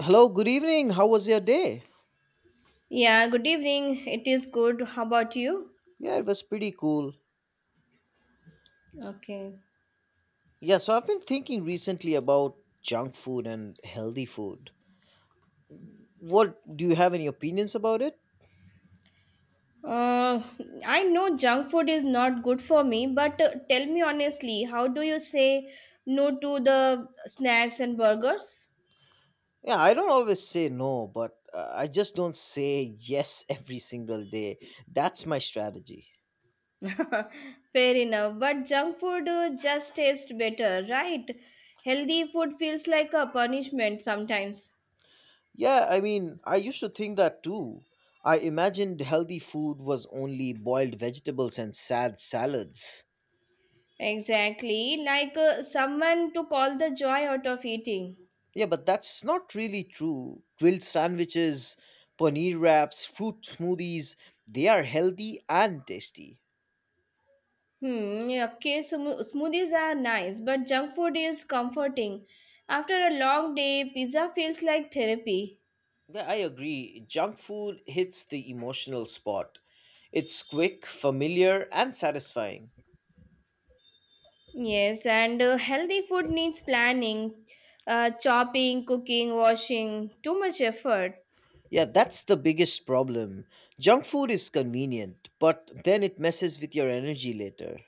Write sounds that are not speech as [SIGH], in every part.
Hello, good evening. How was your day? Yeah, good evening. It is good. How about you? Yeah, it was pretty cool. Okay. Yeah, so I've been thinking recently about junk food and healthy food. What do you have any opinions about it? Uh, I know junk food is not good for me, but tell me honestly, how do you say no to the snacks and burgers? Yeah, I don't always say no, but I just don't say yes [LAUGHS] every single day. That's my strategy. [LAUGHS] Fair enough, but junk food just tastes better, right? Healthy food feels like a punishment sometimes. Yeah, I mean, I used to think that too. I imagined healthy food was only boiled vegetables and sad salads. Exactly, like someone to call the joy out of eating. Yeah, but that's not really true. Grilled sandwiches, paneer wraps, fruit smoothies, they are healthy and tasty. Hmm, yeah, okay, smoothies are nice, but junk food is comforting. After a long day, pizza feels like therapy. Yeah, I agree. Junk food hits the emotional spot. It's quick, familiar, and satisfying. Yes, and healthy food needs planning, chopping, cooking, washing, too much effort. Yeah, that's the biggest problem. Junk food is convenient, but then it messes with your energy later.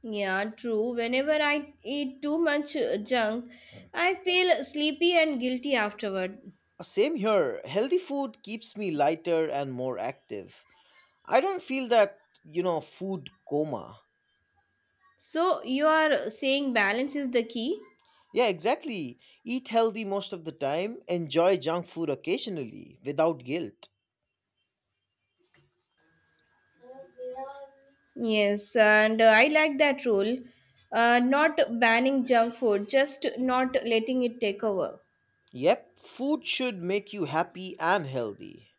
Yeah, true. Whenever I eat too much junk, I feel sleepy and guilty afterward. Same here. Healthy food keeps me lighter and more active. I don't feel that food coma. So, you are saying balance is the key? Yeah, exactly. Eat healthy most of the time, enjoy junk food occasionally without guilt. Yes, and I like that rule. Not banning junk food, just not letting it take over. Yep, food should make you happy and healthy.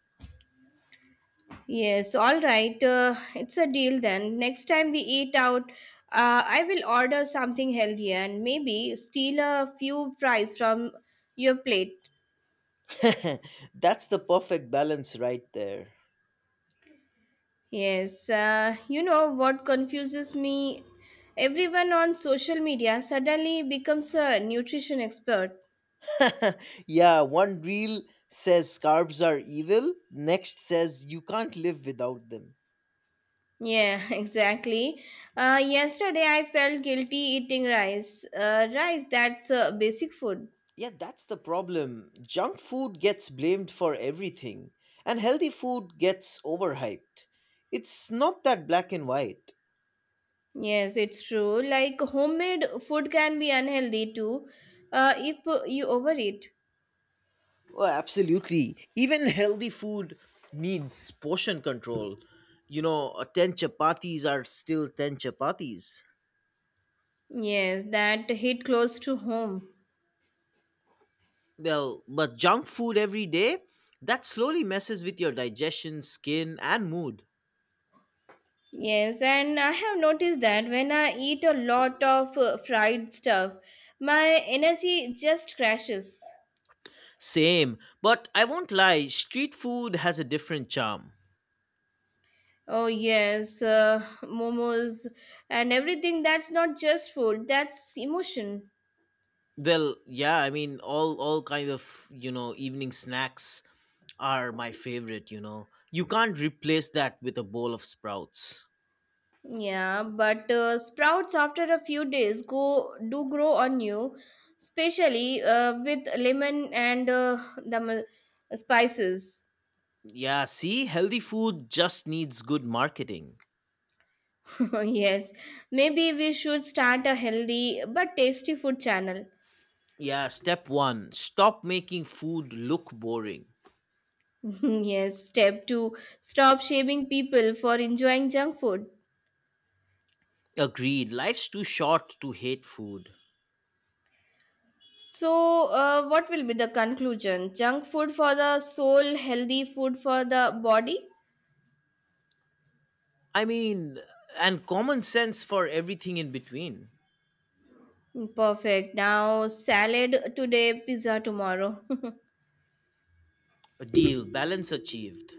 Yes, all right. It's a deal then. Next time we eat out, I will order something healthier and maybe steal a few fries from your plate. [LAUGHS] That's the perfect balance right there. Yes, you know what confuses me? Everyone on social media suddenly becomes a nutrition expert. [LAUGHS] Yeah, one reel says carbs are evil, next says you can't live without them. Yeah, [LAUGHS] exactly. Yesterday I felt guilty eating rice. Rice, that's a basic food. Yeah, that's the problem. Junk food gets blamed for everything, and healthy food gets overhyped. It's not that black and white. Yes, it's true. Like homemade food can be unhealthy too, if you overeat. Oh, absolutely. Even healthy food needs portion control. You know, 10 chapatis are still 10 chapatis. Yes, that hit close to home. Well, but junk food every day, that slowly messes with your digestion, skin, and mood. Yes, and I have noticed that when I eat a lot of fried stuff, my energy just crashes. Same, but I won't lie, street food has a different charm. Oh, yes, momos and everything. That's not just food, that's emotion. Well, yeah, I mean all kind of, evening snacks are my favorite, you know. You can't replace that with a bowl of sprouts. Yeah, but sprouts after a few days go do grow on you, especially with lemon and spices. Yeah, see, healthy food just needs good marketing. [LAUGHS] Yes, maybe we should start a healthy but tasty food channel. Yeah, step one, stop making food look boring. [LAUGHS] Yes, step two, stop shaming people for enjoying junk food. Agreed, life's too short to hate food. So, what will be the conclusion? Junk food for the soul, healthy food for the body? I mean, and common sense for everything in between. Perfect. Now, salad today, pizza tomorrow. A deal, balance achieved.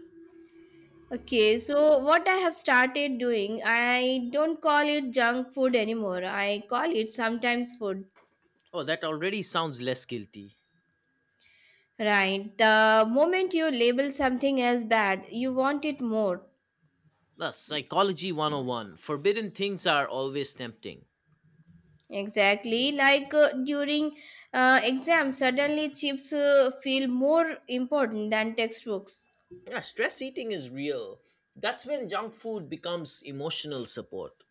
[LAUGHS] okay, so what I have started doing, I don't call it junk food anymore. I call it sometimes food. Oh, that already sounds less guilty. Right. The moment you label something as bad, you want it more. Plus, psychology 101, forbidden things are always tempting. Exactly, like during exams, suddenly chips feel more important than textbooks. Yeah, stress eating is real. That's when junk food becomes emotional support.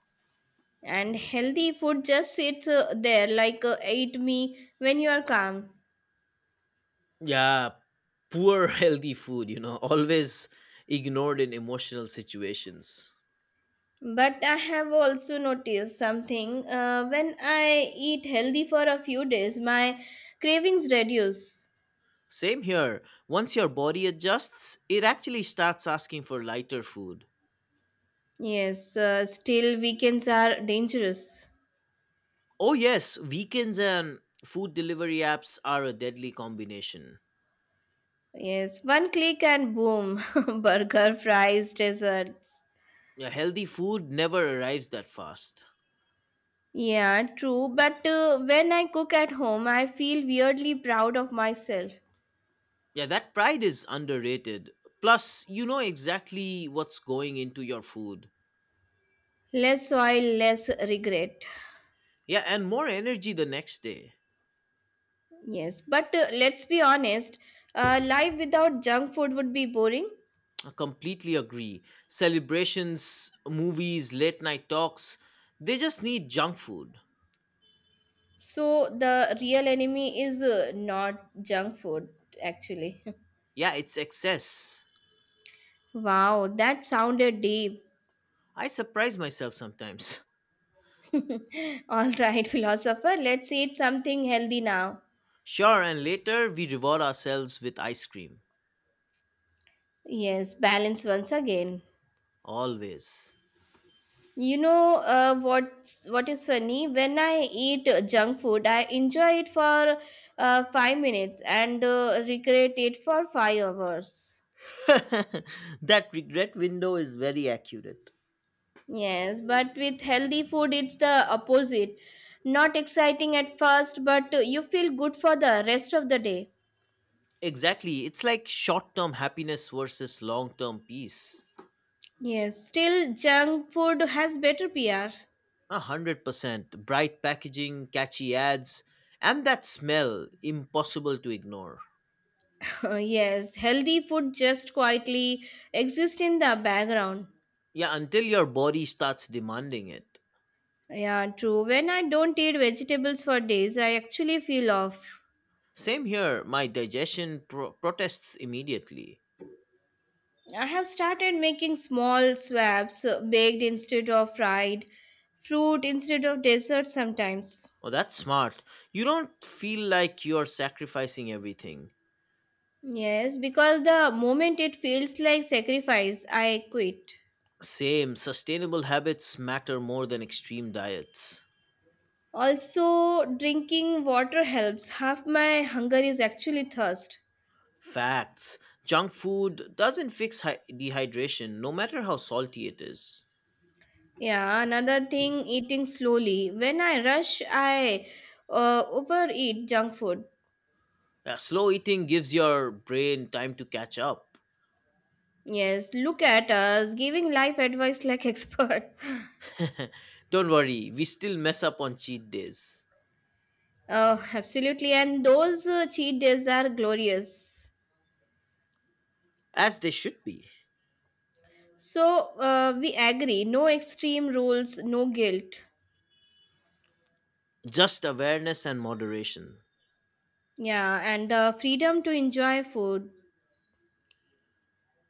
And healthy food just sits there, like eat me when you are calm. Yeah, poor [LAUGHS] healthy food, always ignored in emotional situations. But I have also noticed something. When I eat healthy for a few days, my cravings reduce. Same here. Once your body adjusts, it actually starts asking for lighter food. Yes, still weekends are dangerous. Oh, yes, weekends and food delivery apps are a deadly combination. Yes, one click and boom, [LAUGHS] burger, fries, desserts. Yeah, healthy food never arrives that fast. Yeah, true. But when I cook at home, I feel weirdly proud of myself. Yeah, that pride is underrated. Plus, you know exactly what's going into your food. Less soil, less regret. Yeah, and more energy the next day. Yes, but let's be honest, life without junk food would be boring. I completely agree. Celebrations, movies, late night talks, they just need junk food. So the real enemy is not junk food, actually. [LAUGHS] Yeah, it's excess. Wow, that sounded deep. I surprise myself sometimes. [LAUGHS] [LAUGHS] All right, philosopher, let's eat something healthy now. Sure, and later we reward ourselves with ice cream. Yes, balance once again. Always. You know what is funny? When I eat junk food, I enjoy it for 5 minutes and regret it for 5 hours. [LAUGHS] That regret window is very accurate. Yes, but with healthy food, it's the opposite. Not exciting at first, but you feel good for the rest of the day. Exactly. It's like short term happiness versus long term peace. Yes, still junk food has better PR. 100%. Bright packaging, catchy ads, and that smell impossible to ignore. [LAUGHS] yes, healthy food just quietly exists in the background. Yeah, until your body starts demanding it. Yeah, true. When I don't eat vegetables for days, I actually feel off. Same here, my digestion protests immediately. I have started making small swaps, baked instead of fried, fruit instead of dessert sometimes. Oh, that's smart. You don't feel like you're sacrificing everything. Yes, because the moment it feels like sacrifice, I quit. Same, sustainable habits matter more than extreme diets. Also, drinking water helps. Half my hunger is actually thirst. Facts. Junk food doesn't fix dehydration, no matter how salty it is. Yeah, another thing, eating slowly. When I rush, I overeat junk food. Slow eating gives your brain time to catch up. Yes, look at us giving life advice like [LAUGHS] expert. [LAUGHS] Don't worry, we still mess up on cheat days. Oh, absolutely. And those cheat days are glorious. As they should be. So we agree no extreme rules, no guilt. Just awareness and moderation. Yeah, and the freedom to enjoy food.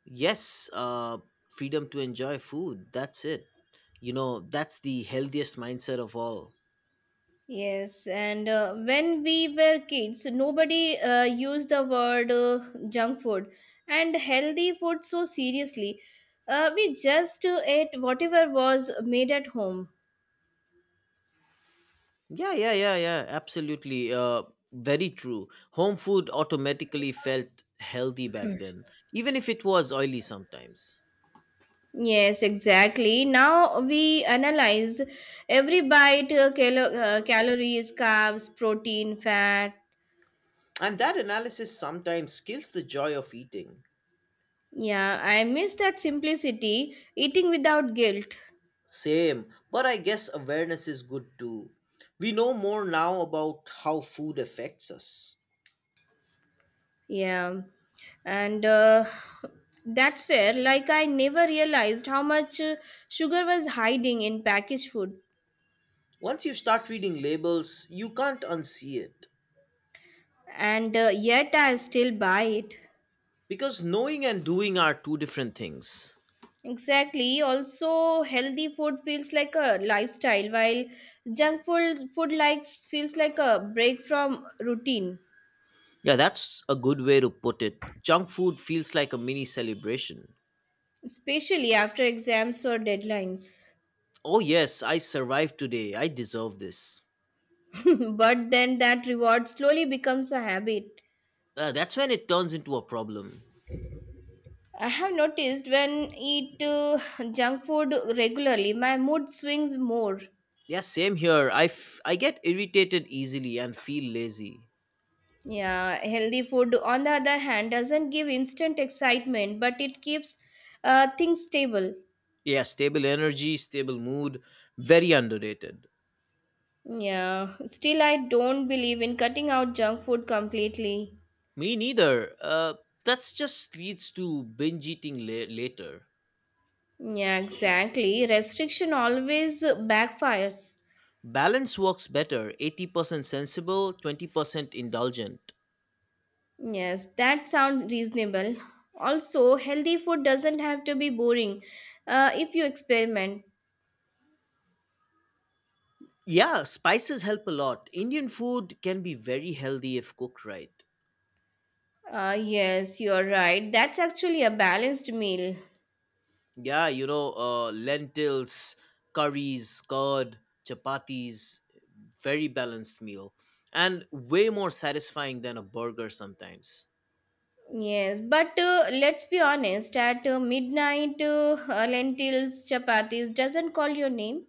Yes, freedom to enjoy food, that's it. That's the healthiest mindset of all. Yes, and when we were kids, nobody used the word junk food and healthy food so seriously. We just ate whatever was made at home. Yeah, yeah, yeah, yeah, absolutely. Very true, home food automatically felt healthy back then, even if it was oily sometimes. Yes, exactly. Now we analyze every bite, calories, carbs, protein, fat. And that analysis sometimes kills the joy of eating. Yeah, I miss that simplicity, eating without guilt. Same, but I guess awareness is good too. We know more now about how food affects us. Yeah, and that's where, like, I never realized how much sugar was hiding in packaged food, Once you start reading labels, you can't unsee it, and yet I still buy it. because knowing and doing are two different things. Exactly. Also, healthy food feels like a lifestyle, while junk food food likes feels like a break from routine, Yeah, that's a good way to put it. Junk food feels like a mini celebration. especially after exams or deadlines. Oh, yes, I survived today. I deserve this. [LAUGHS] but then that reward slowly becomes a habit. That's when it turns into a problem. I have noticed when eat junk food regularly, my mood swings more. Yeah, same here. I get irritated easily and feel lazy. Yeah, healthy food on the other hand doesn't give instant excitement, but it keeps things stable. Yeah, stable energy, stable mood, very underrated. Yeah, still, I don't believe in cutting out junk food completely. Me neither. That's just leads to binge eating later. Yeah, exactly. Restriction always backfires. Balance works better 80% sensible, 20% indulgent. Yes, that sounds reasonable. Also, healthy food doesn't have to be boring if you experiment. Yeah, spices help a lot. Indian food can be very healthy if cooked right. Yes, you're right. That's actually a balanced meal. Yeah, lentils, curries, curd, chapatis, very balanced meal. And way more satisfying than a burger sometimes. Yes, but let's be honest, at midnight, lentils, chapatis doesn't call your name.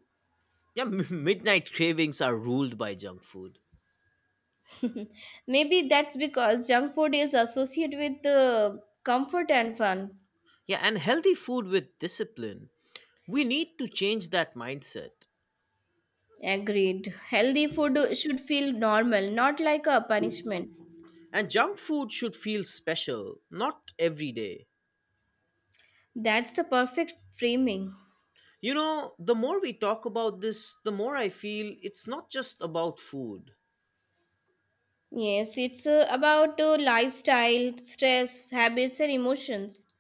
Yeah, [LAUGHS] Midnight cravings are ruled by junk food. Maybe that's because junk food is associated with comfort and fun. Yeah, and healthy food with discipline. We need to change that mindset. Agreed. Healthy food should feel normal, not like a punishment. And junk food should feel special, not every day. That's the perfect framing. The more we talk about this, the more I feel it's not just about food. Yes, it's about lifestyle, stress, habits, and emotions.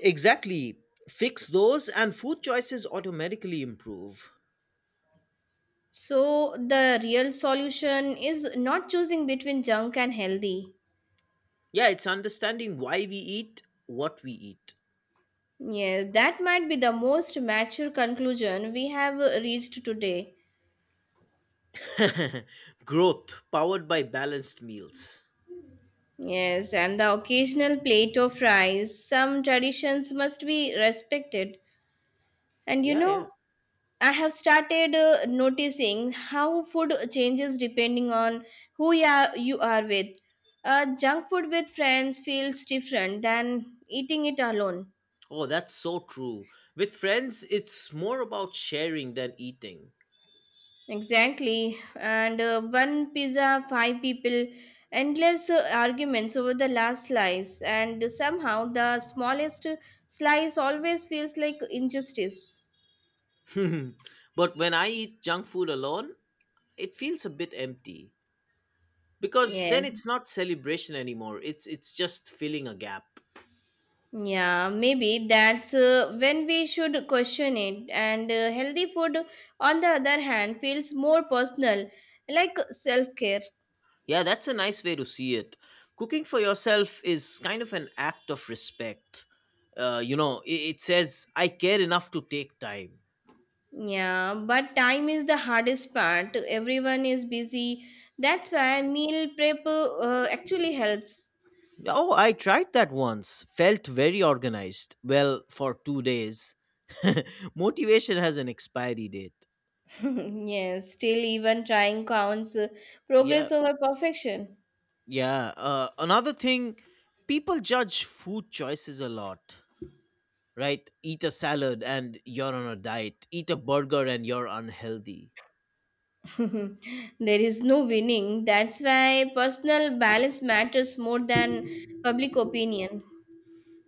Exactly. Fix those, and food choices automatically improve. So, the real solution is not choosing between junk and healthy. Yeah, it's understanding why we eat what we eat. Yes, that might be the most mature conclusion we have reached today. [LAUGHS] Growth powered by balanced meals. Yes, and the occasional plate of rice. Some traditions must be respected. And you Yeah, yeah. know, I have started noticing how food changes depending on who you are with. Junk food with friends feels different than eating it alone. Oh, that's so true. With friends, it's more about sharing than eating. Exactly. And one pizza, 5 people, endless arguments over the last slice. And somehow the smallest slice always feels like injustice. [LAUGHS] But when I eat junk food alone, it feels a bit empty, because then Yes. it's not celebration anymore, it's just filling a gap. Yeah, maybe that's when we should question it. And healthy food, on the other hand, feels more personal, like self care. Yeah, that's a nice way to see it. Cooking for yourself is kind of an act of respect. You know, it says I care enough to take time. Yeah, but time is the hardest part. Everyone is busy. That's why meal prep actually helps. Oh, I tried that once, felt very organized, well, for 2 days. [LAUGHS] Motivation has an expiry date. [LAUGHS] yes, still, even trying counts. Yeah, Progress over perfection. yeah, another thing, people judge food choices a lot, right? Eat a salad and you're on a diet. Eat a burger and you're unhealthy. There is no winning. That's why personal balance matters more than public opinion.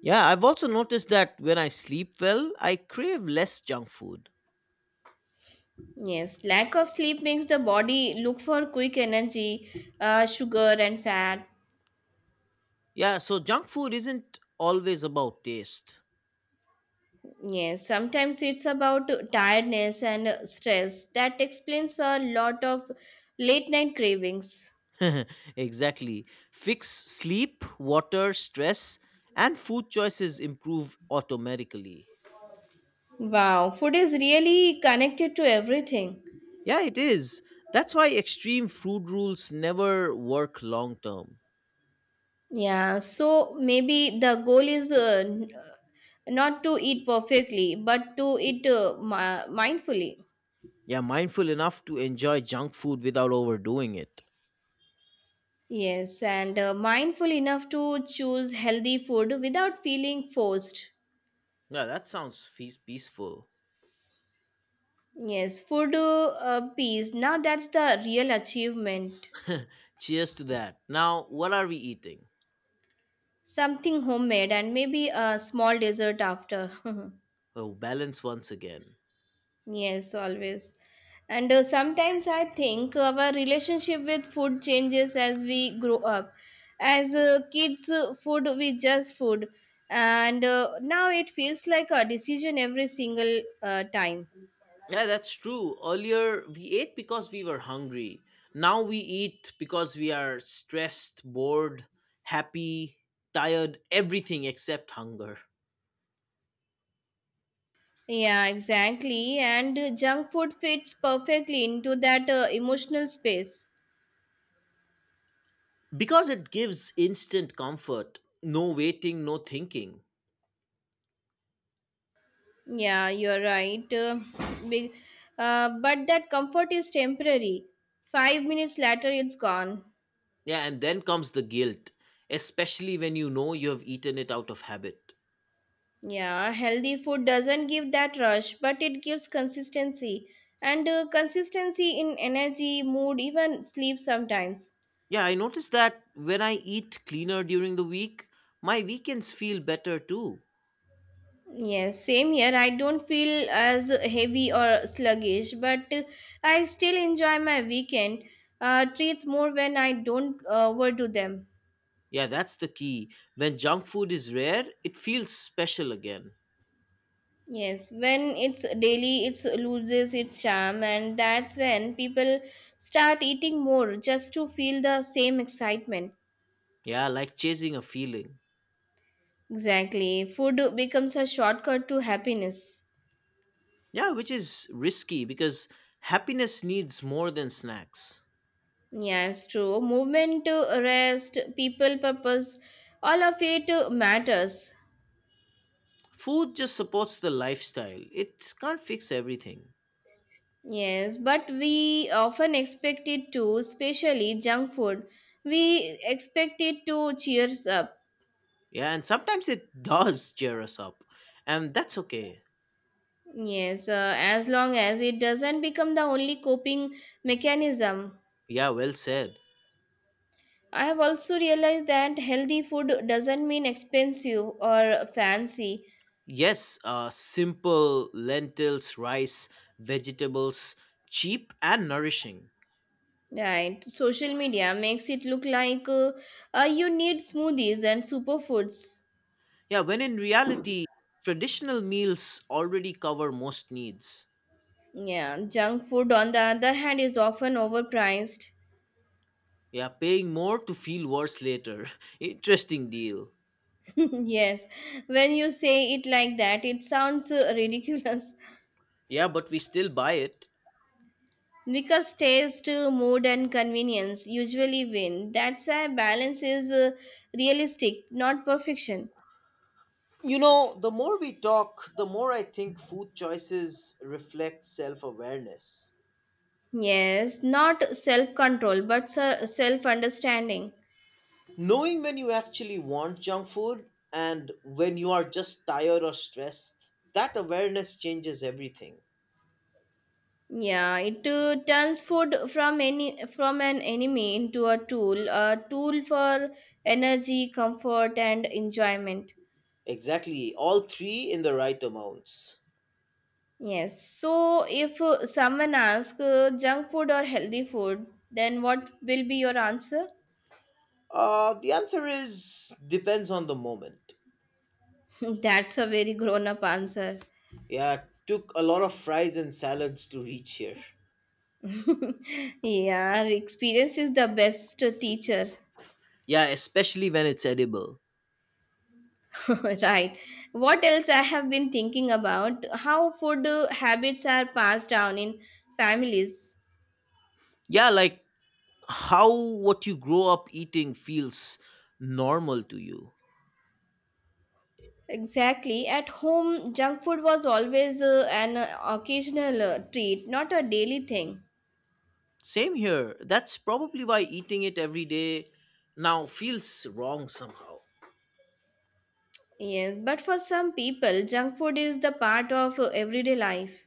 Yeah, I've also noticed that when I sleep well, I crave less junk food. Yes, lack of sleep makes the body look for quick energy, sugar, and fat. Yeah, so junk food isn't always about taste. Yes, sometimes it's about tiredness and stress. That explains a lot of late night cravings. [LAUGHS] Exactly. Fix sleep, water, stress, and food choices improve automatically. Wow, food is really connected to everything. Yeah, it is. That's why extreme food rules never work long term. Yeah, so maybe the goal is not to eat perfectly, but to eat mindfully. Yeah, mindful enough to enjoy junk food without overdoing it. Yes, and mindful enough to choose healthy food without feeling forced. Yeah, that sounds feas peaceful. Yes, food peace. Now that's the real achievement. Cheers to that. Now, what are we eating? Something homemade and maybe a small dessert after. [LAUGHS] Oh, balance once again. yes, always. And sometimes I think our relationship with food changes as we grow up. As kids, food we just food, and now it feels like a decision every single time. Yeah, that's true. Earlier, we ate because we were hungry. Now we eat because we are stressed, bored, happy, tired, everything except hunger. Yeah, exactly. And junk food fits perfectly into that emotional space. Because it gives instant comfort, no waiting, no thinking. Yeah, you're right. Big, but that comfort is temporary. 5 minutes later, it's gone. Yeah, and then comes the guilt, especially when you know you have eaten it out of habit. Yeah, healthy food doesn't give that rush, but it gives consistency. And consistency in energy, mood, even sleep sometimes. Yeah, I noticed that when I eat cleaner during the week, my weekends feel better too. Yes, same here. I don't feel as heavy or sluggish, but I still enjoy my weekend treats more when I don't overdo them. Yeah, that's the key. When junk food is rare, it feels special again. Yes, when it's daily, it loses its charm, and that's when people start eating more just to feel the same excitement. Yeah, like chasing a feeling. Exactly. Food becomes a shortcut to happiness. Yeah, which is risky because happiness needs more than snacks. Yes, true. Movement, rest, people, purpose, all of it matters. Food just supports the lifestyle, it can't fix everything. Yes, but we often expect it to, especially junk food. We expect it to cheers up. Yeah, and sometimes it [LAUGHS] does cheer us up, and that's okay. Yes, as long as it doesn't become the only coping mechanism. Yeah, well said. I have also realized that healthy food doesn't mean expensive or fancy. Yes, simple lentils, rice, vegetables, cheap and nourishing. Right. Social media makes it look like you need smoothies and superfoods. Yeah, when in reality, traditional meals already cover most needs. Yeah, junk food on the other hand is often overpriced. Yeah, paying more to feel worse later. [LAUGHS] Interesting deal. [LAUGHS] Yes, when you say it like that, it sounds ridiculous. Yeah, but we still buy it. [LAUGHS] Because taste, mood, and convenience usually win. That's why balance is realistic, not perfection. The more we talk, the more I think food choices reflect self awareness. Yes, not self control, but self understanding. Knowing when you actually want junk food and when you are just tired or stressed, that awareness changes everything. Yeah, it turns food from an enemy into a tool for energy, comfort, and enjoyment. Exactly, all three in the right amounts. Yes. So if someone asks junk food or healthy food, then what will be your answer? The answer is depends on the moment. [LAUGHS] That's a very grown up answer. Yeah, it took a lot of fries and salads to reach here. Yeah, experience is the best teacher. Yeah, especially when it's edible. [LAUGHS] right. What else I have been thinking about how food habits are passed down in families. Yeah, like how what you grow up eating feels normal to you. Exactly. At home, junk food was always an occasional treat, not a daily thing. Same here. That's probably why eating it every day now feels wrong somehow. Yes, but for some people, junk food is the part of everyday life.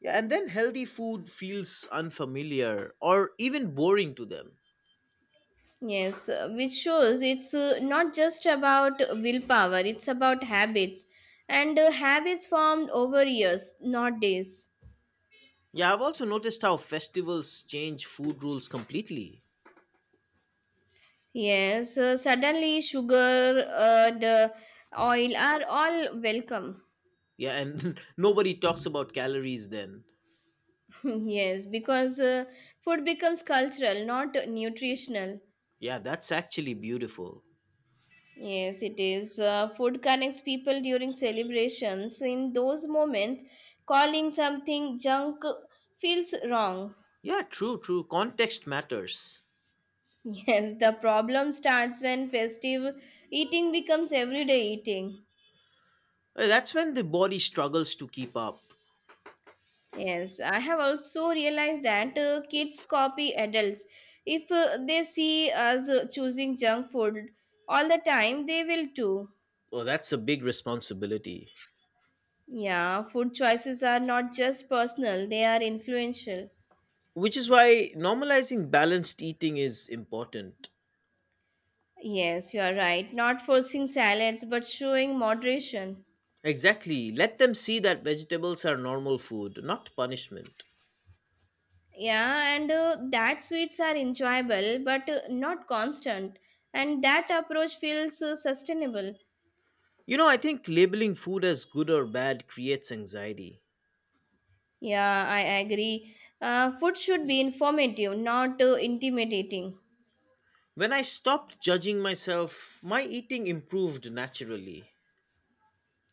Yeah, and then healthy food feels unfamiliar or even boring to them. Yes, which shows it's not just about willpower, it's about habits. And habits formed over years, not days. Yeah, I've also noticed how festivals change food rules completely. Yes, suddenly sugar and oil are all welcome. Yeah, and [LAUGHS] nobody talks about calories then. [LAUGHS] Yes, because food becomes cultural, not nutritional. Yeah, that's actually beautiful. Yes, it is. Food connects people during celebrations. In those moments, calling something junk feels wrong. [LAUGHS] Yeah, true, true. Context matters. Yes, the problem starts when festive eating becomes everyday eating. That's when the body struggles to keep up. Yes, I have also realized that kids copy adults. If they see us choosing junk food all the time, they will too. Oh, that's a big responsibility. Yeah, food choices are not just personal, they are influential. Which is why normalizing balanced eating is important. Yes, you are right. Not forcing salads, but showing moderation. Exactly. Let them see that vegetables are normal food, not punishment. Yeah, and that sweets are enjoyable, but not constant. And that approach feels sustainable. You know, I think labeling food as good or bad creates anxiety. Yeah, I agree. Food should be informative, not intimidating. When I stopped judging myself, my eating improved naturally.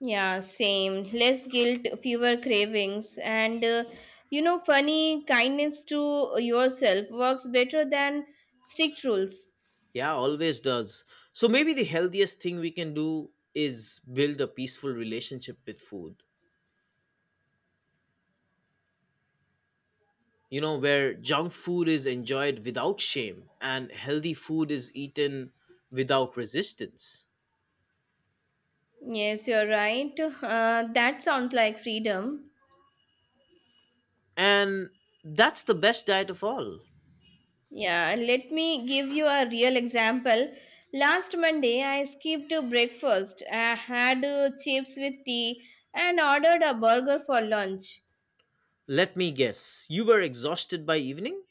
Yeah, same. Less guilt, fewer cravings, and funny kindness to yourself works better than strict rules. Yeah, always does. So maybe the healthiest thing we can do is build a peaceful relationship with food, where junk food is enjoyed without shame and healthy food is eaten without resistance. Yes, you're right. That sounds like freedom. And that's the best diet of all. Yeah, let me give you a real example. Last Monday, I skipped breakfast. I had chips with tea and ordered a burger for lunch. Let me guess, you were exhausted by evening?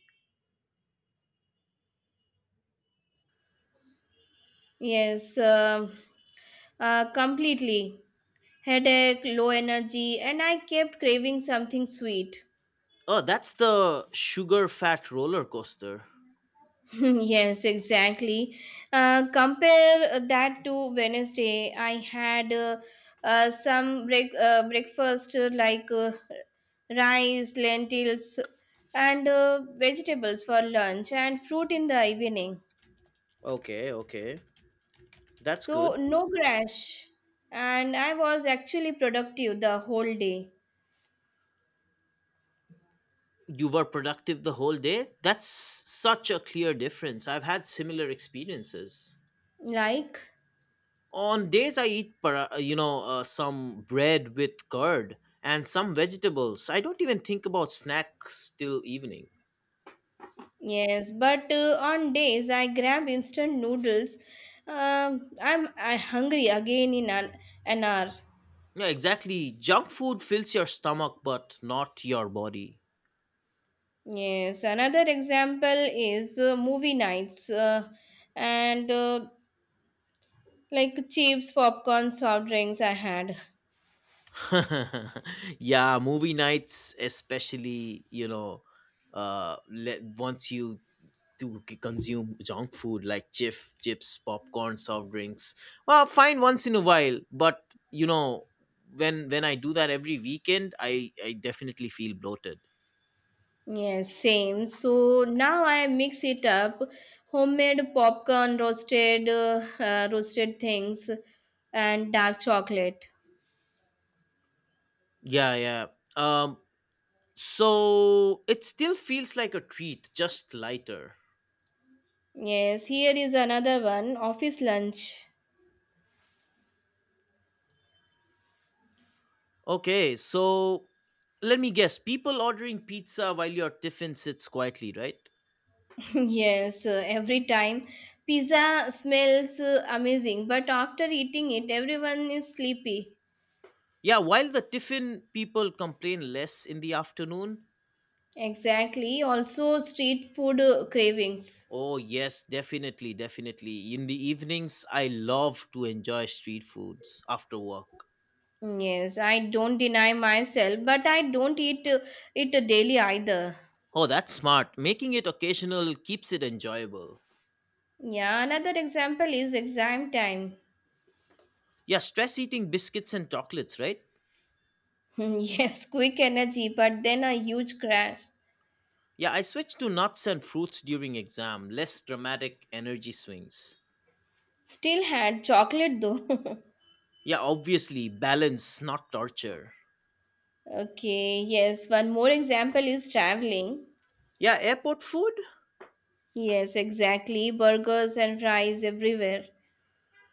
Yes, completely. Headache, low energy, and I kept craving something sweet. Oh, that's the sugar fat roller coaster. [LAUGHS] Yes, exactly. Compare that to Wednesday. I had breakfast like rice, lentils, and vegetables for lunch, and fruit in the evening. Okay, okay. That's So, good. no crash. And I was actually productive the whole day. You were productive the whole day? That's such a clear difference. I've had similar experiences. Like, On days I eat some bread with curd and some vegetables. I don't even think about snacks till evening. yes, but on days I grab instant noodles. I'm I hungry again in an hour. Yeah, exactly. Junk food fills your stomach, but not your body. Yes, another example is movie nights and like chips, popcorn, soft drinks I had. [LAUGHS] Yeah, movie nights, especially, once you consume junk food like chips, popcorn, soft drinks. Well, fine once in a while, but when I do that every weekend, I definitely feel bloated. Yes, same. So now I mix it up. Homemade popcorn, roasted things and dark chocolate. Yeah, yeah. Um, so it still feels like a treat, just lighter. Yes, here is another one, office lunch. Okay, so let me guess. People ordering pizza while your tiffin sits quietly, right? [LAUGHS] Yes, every time pizza smells amazing, but after eating it everyone is sleepy. Yeah, while the tiffin people complain less in the afternoon. Exactly. Also, street food cravings. Oh, yes, definitely, definitely. In the evenings, I love to enjoy street foods after work. Yes, I don't deny myself, but I don't eat it daily either. Oh, that's smart. Making it occasional keeps it enjoyable. Yeah, another example is exam time. Yeah, stress eating biscuits and chocolates, right? [LAUGHS] Yes, quick energy, but then a huge crash. Yeah, I switched to nuts and fruits during exam, less dramatic energy swings. Still had chocolate though. Yeah, obviously, balance, not torture. [LAUGHS] Okay, yes, one more example is traveling. Yeah, airport food? Yes, exactly. Burgers and fries everywhere.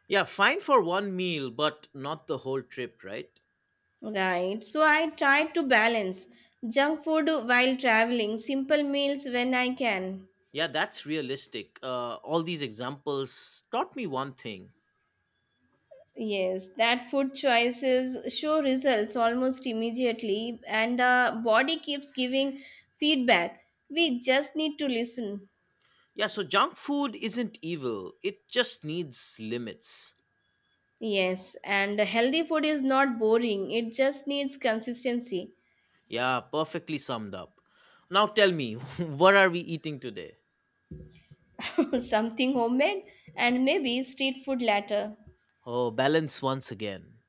Yeah, fine for one meal, but not the whole trip, right? Right. So I try to balance junk food while traveling, simple meals when I can. Yeah, that's realistic. All these examples taught me one thing. Yes, that food choices show results almost immediately, and the body keeps giving feedback. We just need to listen. Yeah, so junk food isn't evil, it just needs limits. Yes, and healthy food is not boring, it just needs consistency. Yeah, perfectly summed up. Now tell me, [LAUGHS] what are we eating today? [LAUGHS] Something homemade and maybe street food later. Oh, balance once again.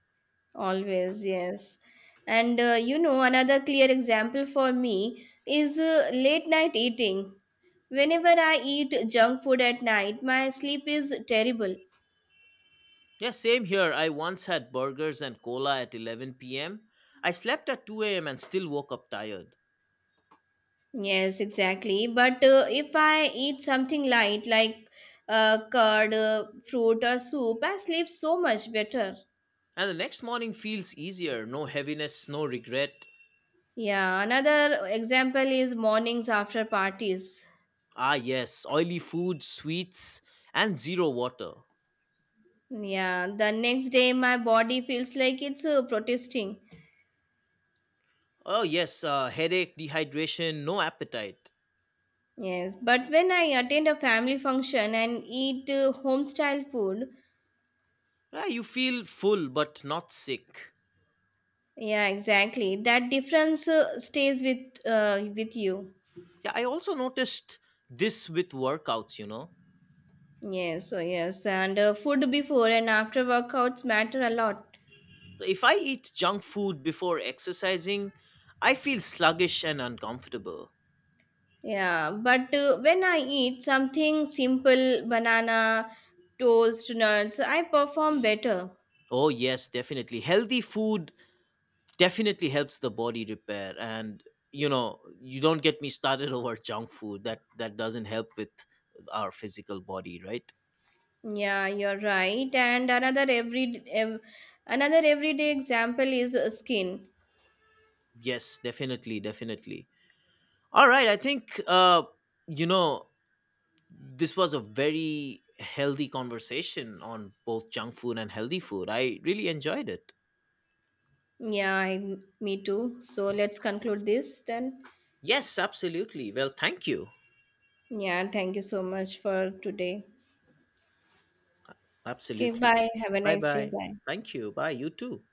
Always, yes. And you know, another clear example for me is late night eating. Whenever I eat junk food at night, my sleep is terrible. Yeah, same here. I once had burgers and cola at 11 p.m. I slept at 2 a.m. and still woke up tired. Yes, exactly. But if I eat something light like curd, fruit, or soup, I sleep so much better. And the next morning feels easier, no heaviness, no regret. Yeah, another example is mornings after parties. Ah, yes, oily food, sweets, and zero water. Yeah, the next day my body feels like it's protesting. Oh, yes, headache, dehydration, no appetite. Yes, but when I attend a family function and eat home style food, Yeah, you feel full but not sick. yeah, exactly. That difference stays with you. Yeah, I also noticed this with workouts. Yes, so yes, and food before and after workouts matter a lot. If I eat junk food before exercising, I feel sluggish and uncomfortable. Yeah, but when I eat something simple, banana, toast, nuts, I perform better. Oh, yes, definitely. Healthy food definitely helps the body repair, and you don't get me started [LAUGHS] over junk food. That doesn't help with our physical body, right? Yeah, you're right. And another everyday example is skin. Yes, definitely, definitely. All right, I think you know this was a very healthy conversation on both junk food and healthy food. I really enjoyed it. Yeah, me too. So let's conclude this then. Yes, absolutely. Well, thank you. Yeah, thank you so much for today. Okay, Absolutely. bye. Have a Bye nice day. bye. Bye. Thank you. Bye. You too.